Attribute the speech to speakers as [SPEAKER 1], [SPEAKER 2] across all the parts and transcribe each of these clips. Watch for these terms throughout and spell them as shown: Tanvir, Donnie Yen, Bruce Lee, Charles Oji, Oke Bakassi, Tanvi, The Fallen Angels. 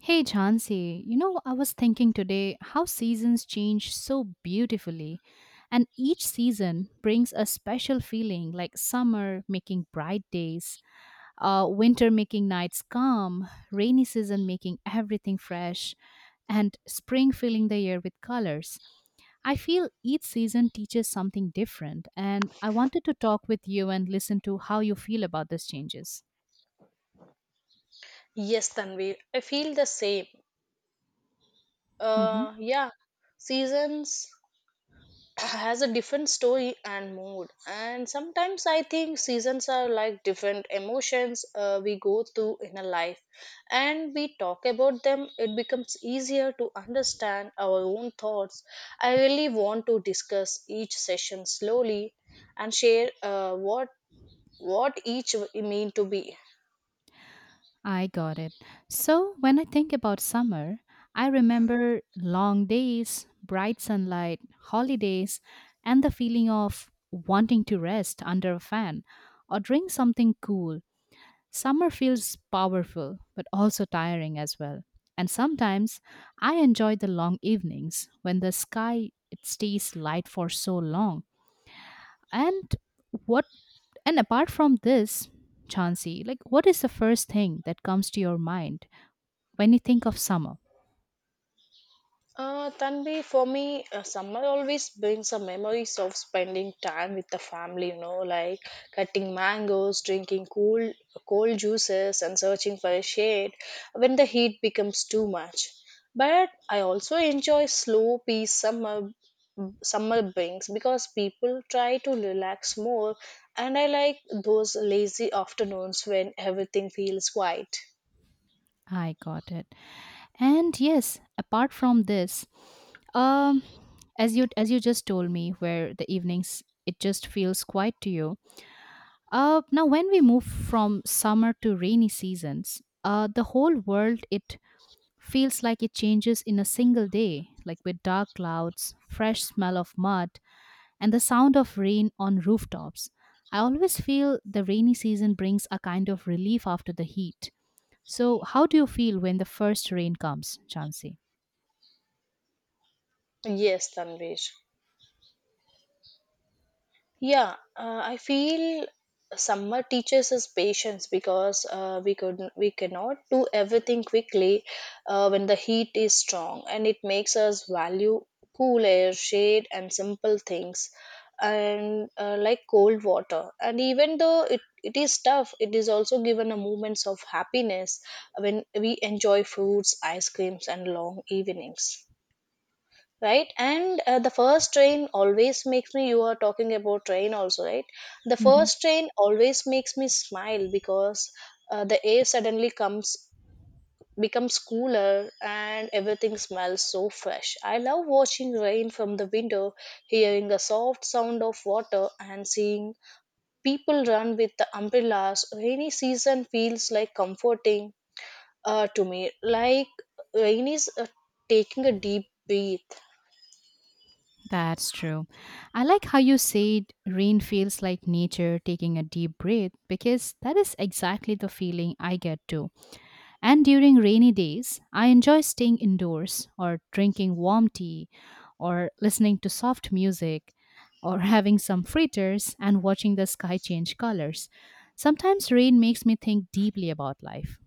[SPEAKER 1] Hey Jhansi, you know, I was thinking today how seasons change so beautifully, and each season brings a special feeling like summer making bright days, winter making nights calm, rainy season making everything fresh, and spring filling the year with colors. I feel each season teaches something different, and I wanted to talk with you and listen to how you feel about these changes.
[SPEAKER 2] Yes, Tanvi, I feel the same.
[SPEAKER 1] Mm-hmm.
[SPEAKER 2] Yeah, seasons has a different story and mood, and sometimes I think seasons are like different emotions we go through in a life, and we talk about them. It becomes easier to understand our own thoughts. I really want to discuss each session slowly and share what each mean to be.
[SPEAKER 1] I got it. So when I think about summer, I remember long days, bright sunlight, holidays, and the feeling of wanting to rest under a fan or drink something cool. Summer feels powerful, but also tiring as well. And sometimes I enjoy the long evenings when the sky it stays light for so long. And what and apart from this, Chansey, like what is the first thing that comes to your mind when you think of summer.
[SPEAKER 2] Tanvi, for me, summer always brings some memories of spending time with the family, you know, like cutting mangoes, drinking cool, cold juices, and searching for a shade when the heat becomes too much. But I also enjoy slow peace summer summer brings because people try to relax more and I like those lazy afternoons when everything feels quiet.
[SPEAKER 1] I got it. And yes, apart from this, um, as you just told me, where the evenings it just feels quiet to you. Now when we move from summer to rainy seasons, the whole world it feels like it changes in a single day, like with dark clouds, fresh smell of mud, and the sound of rain on rooftops. I always feel the rainy season brings a kind of relief after the heat. So, how do you feel when the first rain comes, Chansey?
[SPEAKER 2] Yes, tanvi. Yeah, I feel summer teaches us patience because uh, we cannot do everything quickly when the heat is strong, and it makes us value cool air, shade, and simple things, and like cold water. And even though it is tough, it is also given a moments of happiness when we enjoy fruits, ice creams, and long evenings. Right, and the first train always makes me. You are talking about train also, right? The
[SPEAKER 1] Mhm.
[SPEAKER 2] first train always makes me smile because the air suddenly comes becomes cooler and everything smells so fresh. I love watching rain from the window, hearing the soft sound of water, and seeing people run with the umbrellas. Rainy season feels like comforting to me, like rain is taking a deep breath.
[SPEAKER 1] That's true. I like how you said rain feels like nature taking a deep breath because that is exactly the feeling I get too. And during rainy days, I enjoy staying indoors or drinking warm tea or listening to soft music or having some fritters and watching the sky change colors. Sometimes rain makes me think deeply about life.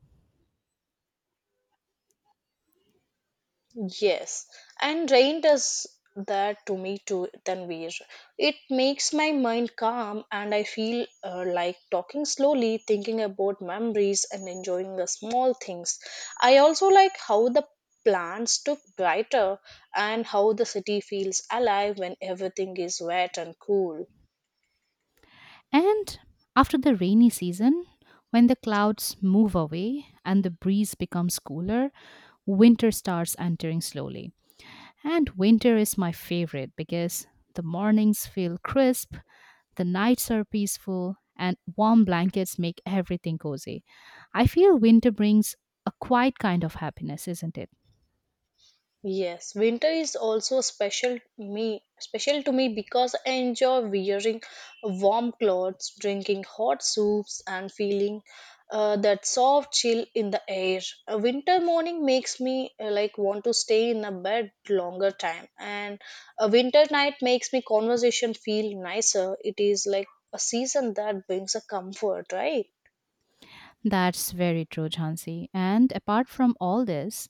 [SPEAKER 2] Yes, and rain does that to me too, Tanvir. It makes my mind calm and I feel like talking slowly, thinking about memories and enjoying the small things. I also like how the plants look brighter and how the city feels alive when everything is wet and cool.
[SPEAKER 1] And after the rainy season, when the clouds move away and the breeze becomes cooler, winter starts entering slowly. And winter is my favorite because the mornings feel crisp, the nights are peaceful, and warm blankets make everything cozy. I feel winter brings a quiet kind of happiness, isn't it?
[SPEAKER 2] Yes, winter is also special to me because I enjoy wearing warm clothes, drinking hot soups, and feeling that soft chill in the air. A winter morning makes me like want to stay in a bed longer time, and a winter night makes me conversation feel nicer. It is like a season that brings a comfort, right?
[SPEAKER 1] That's very true, Jhansi. And apart from all this,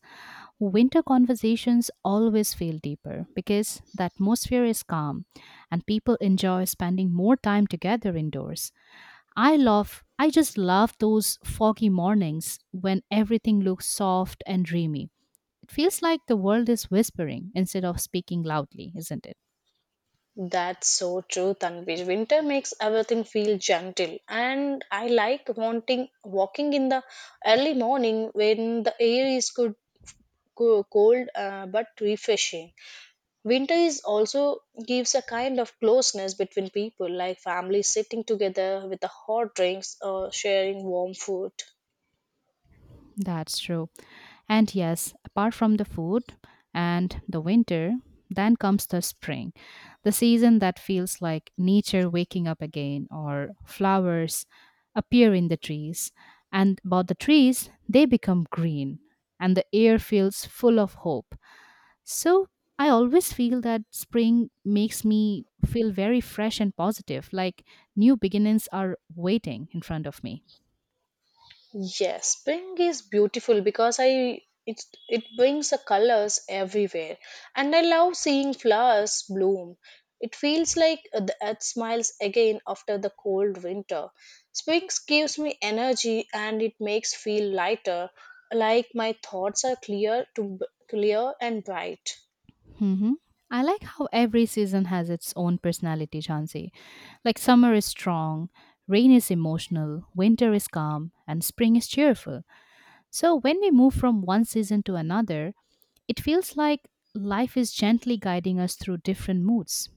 [SPEAKER 1] winter conversations always feel deeper because the atmosphere is calm and people enjoy spending more time together indoors. I love, I just love those foggy mornings when everything looks soft and dreamy. It feels like the world is whispering instead of speaking loudly, isn't it?
[SPEAKER 2] That's so true, Tanvi. Winter makes everything feel gentle, and I like wanting walking in the early morning when the air is good, cold but refreshing. Winter is also gives a kind of closeness between people, like families sitting together with the hot drinks or sharing warm food.
[SPEAKER 1] That's true. And yes, apart from the food and the winter, then comes the spring, the season that feels like nature waking up again or flowers appear in the trees. And about the trees, they become green and the air feels full of hope. So I always feel that spring makes me feel very fresh and positive, like new beginnings are waiting in front of me.
[SPEAKER 2] Yes, spring is beautiful because I it it brings the colors everywhere, and I love seeing flowers bloom. It feels like the earth smiles again after the cold winter. Spring gives me energy and it makes feel lighter, like my thoughts are clear and bright.
[SPEAKER 1] Hmm. I like how every season has its own personality, Chansey. Like summer is strong, rain is emotional, winter is calm, and spring is cheerful. So when we move from one season to another, it feels like life is gently guiding us through different moods.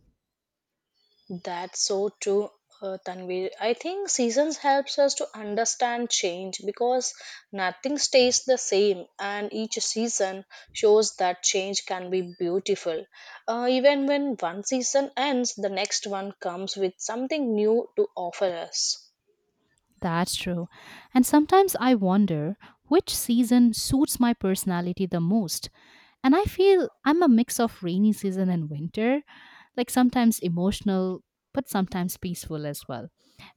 [SPEAKER 2] That's so true, Tanvir. I think seasons helps us to understand change because nothing stays the same, and each season shows that change can be beautiful. Even when one season ends, the next one comes with something new to offer us.
[SPEAKER 1] That's true. And sometimes I wonder which season suits my personality the most. And I feel I'm a mix of rainy season and winter, like sometimes emotional, but sometimes peaceful as well.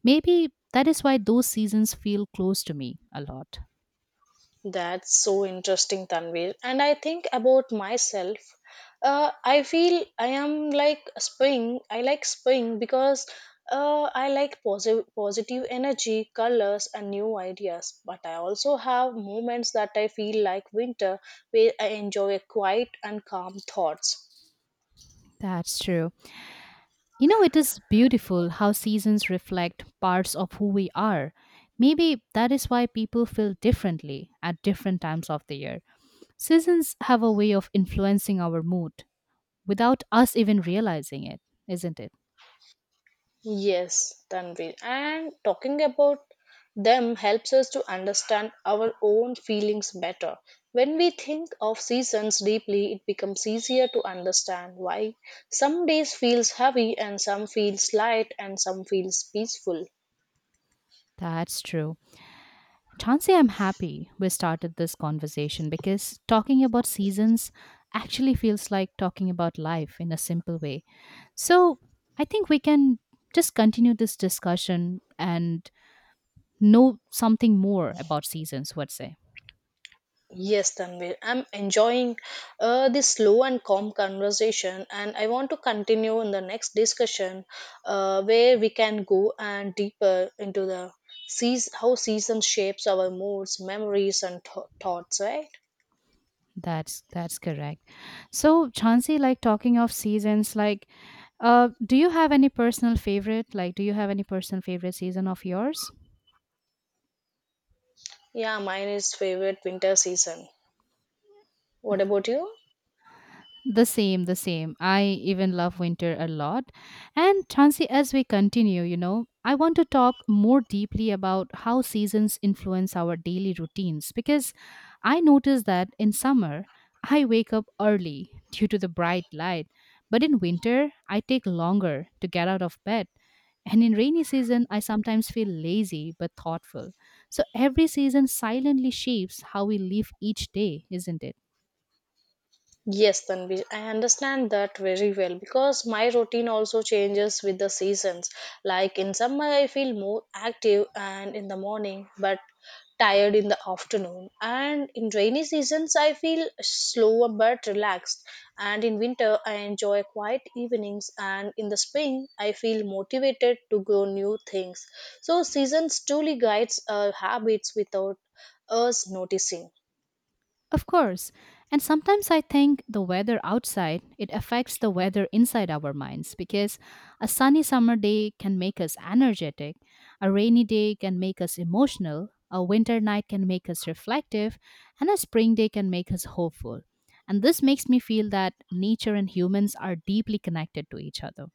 [SPEAKER 1] Maybe that is why those seasons feel close to me a lot.
[SPEAKER 2] That's so interesting, Tanvir. And I think about myself. I feel I am like spring. I like spring because I like positive energy, colors, and new ideas. But I also have moments that I feel like winter, where I enjoy quiet and calm thoughts.
[SPEAKER 1] That's true. You know, it is beautiful how seasons reflect parts of who we are. Maybe that is why people feel differently at different times of the year. Seasons have a way of influencing our mood without us even realizing it, isn't it?
[SPEAKER 2] Yes, Tanvi. And talking about them helps us to understand our own feelings better. When we think of seasons deeply, it becomes easier to understand why some days feels heavy and some feels light and some feels peaceful.
[SPEAKER 1] That's true. Chansey, I'm happy we started this conversation because talking about seasons actually feels like talking about life in a simple way. So I think we can just continue this discussion and know something more about seasons. Would say
[SPEAKER 2] Yes, Tanvir, I'm enjoying this slow and calm conversation, and I want to continue in the next discussion where we can go and deeper into the how season shapes our moods, memories, and thoughts. Right?
[SPEAKER 1] that's correct. So Chansey, like talking of seasons, like do you have any personal favorite, like do you have any personal favorite season of yours?
[SPEAKER 2] Yeah, mine is favorite winter season. What about you?
[SPEAKER 1] The same, the same. I even love winter a lot. And Chansi, as we continue, you know, I want to talk more deeply about how seasons influence our daily routines because I notice that in summer, I wake up early due to the bright light, but in winter, I take longer to get out of bed. And in rainy season, I sometimes feel lazy but thoughtful. So every season silently shapes how we live each day, isn't it?
[SPEAKER 2] Yes, Tanvi, I understand that very well because my routine also changes with the seasons. Like in summer, I feel more active and in the morning, but tired in the afternoon. And in rainy seasons, I feel slower but relaxed. And in winter, I enjoy quiet evenings. And in the spring, I feel motivated to grow new things. So seasons truly guides our habits without us noticing.
[SPEAKER 1] Of course. And sometimes I think the weather outside, it affects the weather inside our minds because a sunny summer day can make us energetic, a rainy day can make us emotional, a winter night can make us reflective, and a spring day can make us hopeful. And this makes me feel that nature and humans are deeply connected to each other.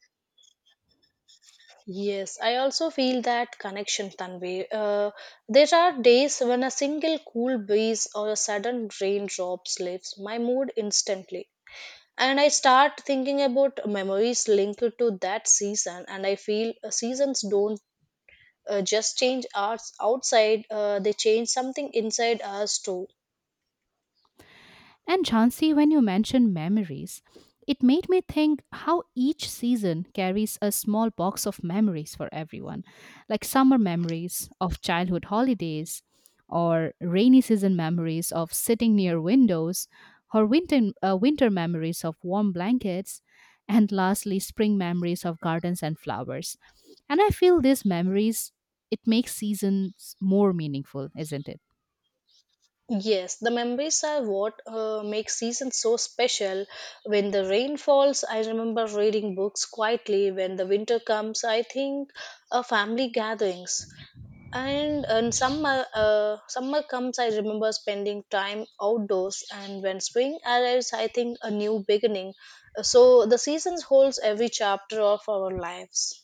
[SPEAKER 2] Yes, I also feel that connection, Tanvi. There are days when a single cool breeze or a sudden raindrop lifts my mood instantly. And I start thinking about memories linked to that season, and I feel seasons don't just change us outside, they change something inside us too.
[SPEAKER 1] And Jhansi, when you mentioned memories, it made me think how each season carries a small box of memories for everyone, like summer memories of childhood holidays, or rainy season memories of sitting near windows, or winter memories of warm blankets, and lastly, spring memories of gardens and flowers. And I feel these memories, it makes seasons more meaningful, isn't it?
[SPEAKER 2] Yes, the memories are what make seasons so special. When the rain falls, I remember reading books quietly. When the winter comes, I think of family gatherings. And in summer, summer comes, I remember spending time outdoors. And when spring arrives, I think a new beginning. So the seasons holds every chapter of our lives.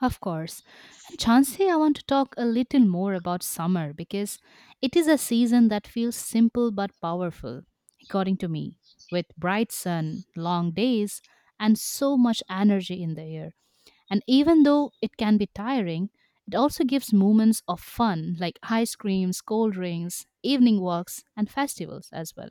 [SPEAKER 1] Of course. And Chansey, I want to talk a little more about summer because it is a season that feels simple but powerful, according to me, with bright sun, long days, and so much energy in the air. And even though it can be tiring, it also gives moments of fun like ice creams, cold drinks, evening walks, and festivals as well.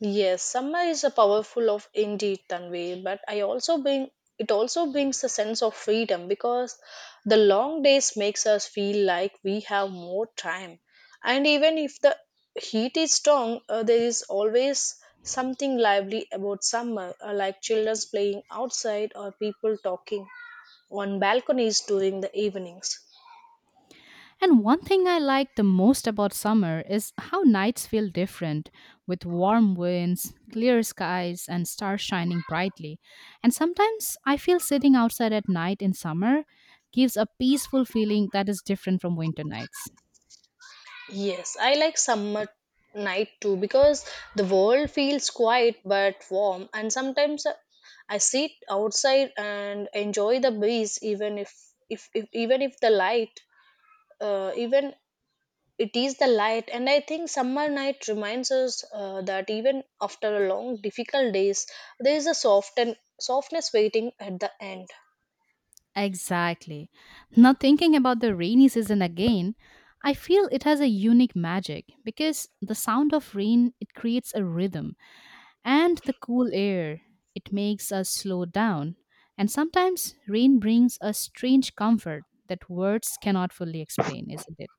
[SPEAKER 2] Yes, summer is a powerful of indeed Tanvi, but I also bring it also brings a sense of freedom because the long days makes us feel like we have more time. And even if the heat is strong, there is always something lively about summer, like children playing outside or people talking on balconies during the evenings.
[SPEAKER 1] And one thing I like the most about summer is how nights feel different with warm winds, clear skies, and stars shining brightly. And sometimes I feel sitting outside at night in summer gives a peaceful feeling that is different from winter nights.
[SPEAKER 2] Yes, I like summer night too because the world feels quiet but warm, and sometimes I sit outside and enjoy the breeze, even if, even if the light, even it is the light. And I think summer night reminds us that even after a long, difficult days, there is a soft and softness waiting at the end.
[SPEAKER 1] Exactly. Now, thinking about the rainy season again, I feel it has a unique magic because the sound of rain it creates a rhythm and the cool air it makes us slow down and sometimes rain brings a strange comfort that words cannot fully explain, isn't it?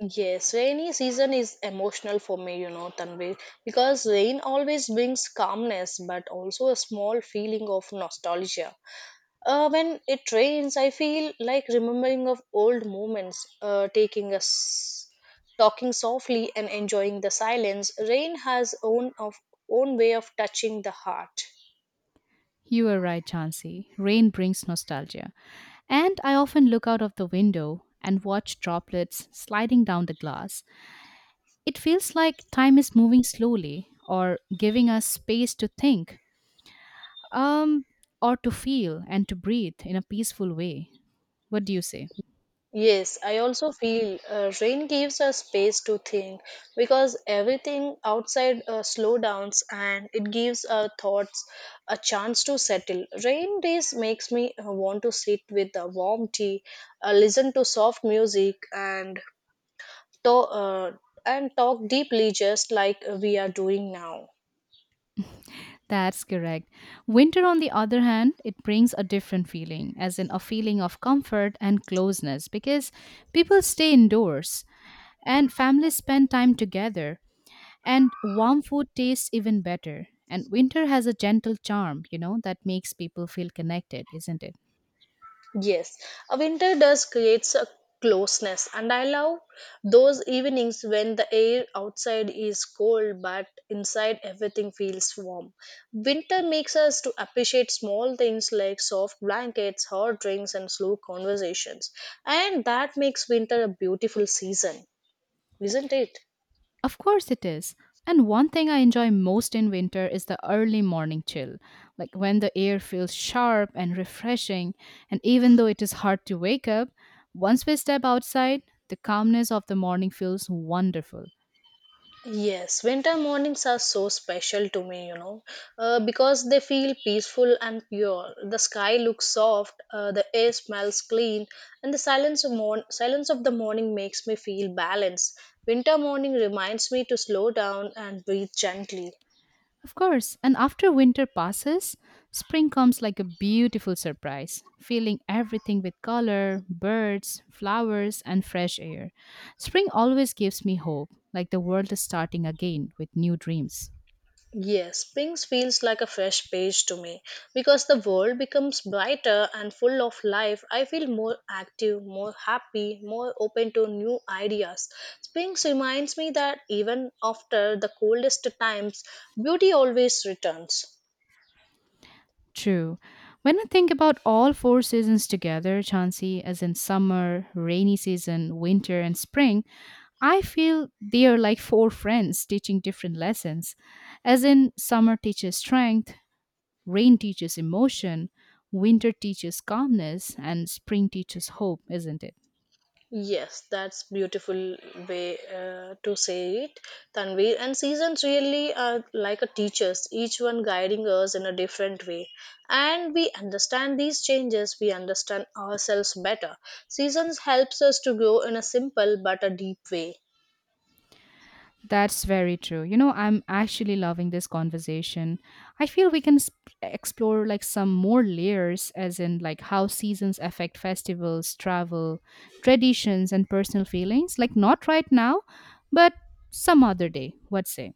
[SPEAKER 2] Yes, rainy season is emotional for me, you know, Tanvi, because rain always brings calmness but also a small feeling of nostalgia. When it rains, I feel like remembering of old moments, taking us, talking softly and enjoying the silence. Rain has own way of touching the heart.
[SPEAKER 1] You are right, Chansey. Rain brings nostalgia. And I often look out of the window and watch droplets sliding down the glass. It feels like time is moving slowly or giving us space to think, um, or to feel and to breathe in a peaceful way. What do you say?
[SPEAKER 2] Yes, I also feel rain gives us space to think because everything outside slow downs and it gives our thoughts a chance to settle. Rain days makes me want to sit with a warm tea, listen to soft music and to- uh, and talk deeply just like we are doing now.
[SPEAKER 1] That's correct. Winter, on the other hand, it brings a different feeling, as in a feeling of comfort and closeness, because people stay indoors and families spend time together, and warm food tastes even better. And winter has a gentle charm, you know, that makes people feel connected, isn't it?
[SPEAKER 2] Yes, a winter does creates a closeness, and I love those evenings when the air outside is cold but inside everything feels warm. Winter makes us to appreciate small things like soft blankets, hot drinks, and slow conversations, and that makes winter a beautiful season, isn't it?
[SPEAKER 1] Of course it is. And one thing I enjoy most in winter is the early morning chill, like when the air feels sharp and refreshing. And even though it is hard to wake up, once we step outside, the calmness of the morning feels wonderful.
[SPEAKER 2] Yes, winter mornings are so special to me, you know, because they feel peaceful and pure. The sky looks soft, the air smells clean, and the silence of the morning makes me feel balanced. Winter morning reminds me to slow down and breathe gently.
[SPEAKER 1] Of course, and after winter passes, spring comes like a beautiful surprise, filling everything with color, birds, flowers, and fresh air. Spring always gives me hope, like the world is starting again with new dreams.
[SPEAKER 2] Yes, Pings feels like a fresh page to me because the world becomes brighter and full of life. I feel more active, more happy, more open to new ideas. Pings reminds me that even after the coldest times, beauty always returns.
[SPEAKER 1] True. When I think about all four seasons together, Chansey, as in summer, rainy season, winter, and spring, I feel they are like four friends teaching different lessons. As in, summer teaches strength, rain teaches emotion, winter teaches calmness, and spring teaches hope, isn't it?
[SPEAKER 2] Yes, that's beautiful way to say it, Tanvir. And seasons really are like a teachers, each one guiding us in a different way. And we understand these changes, we understand ourselves better. Seasons helps us to grow in a simple but a deep way.
[SPEAKER 1] That's very true. You know, I'm actually loving this conversation. I feel we can explore like some more layers, as in like how seasons affect festivals, travel, traditions, and personal feelings. Like, not right now, but some other day. What say?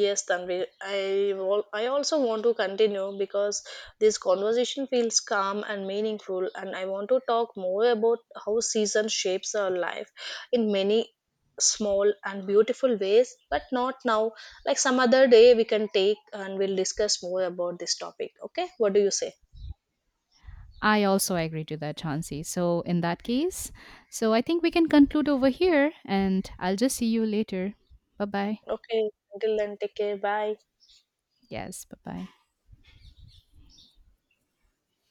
[SPEAKER 2] Yes, Tanvi. I also want to continue because this conversation feels calm and meaningful, and I want to talk more about how season shapes our life in many small and beautiful ways, but not now. Like some other day, we can take and we'll discuss more about this topic. Okay, what do you say?
[SPEAKER 1] I also agree to that, Chauncey. So, in that case, so I think we can conclude over here and I'll just see you later. Bye bye.
[SPEAKER 2] Okay, until then, take care. Bye.
[SPEAKER 1] Yes, bye bye.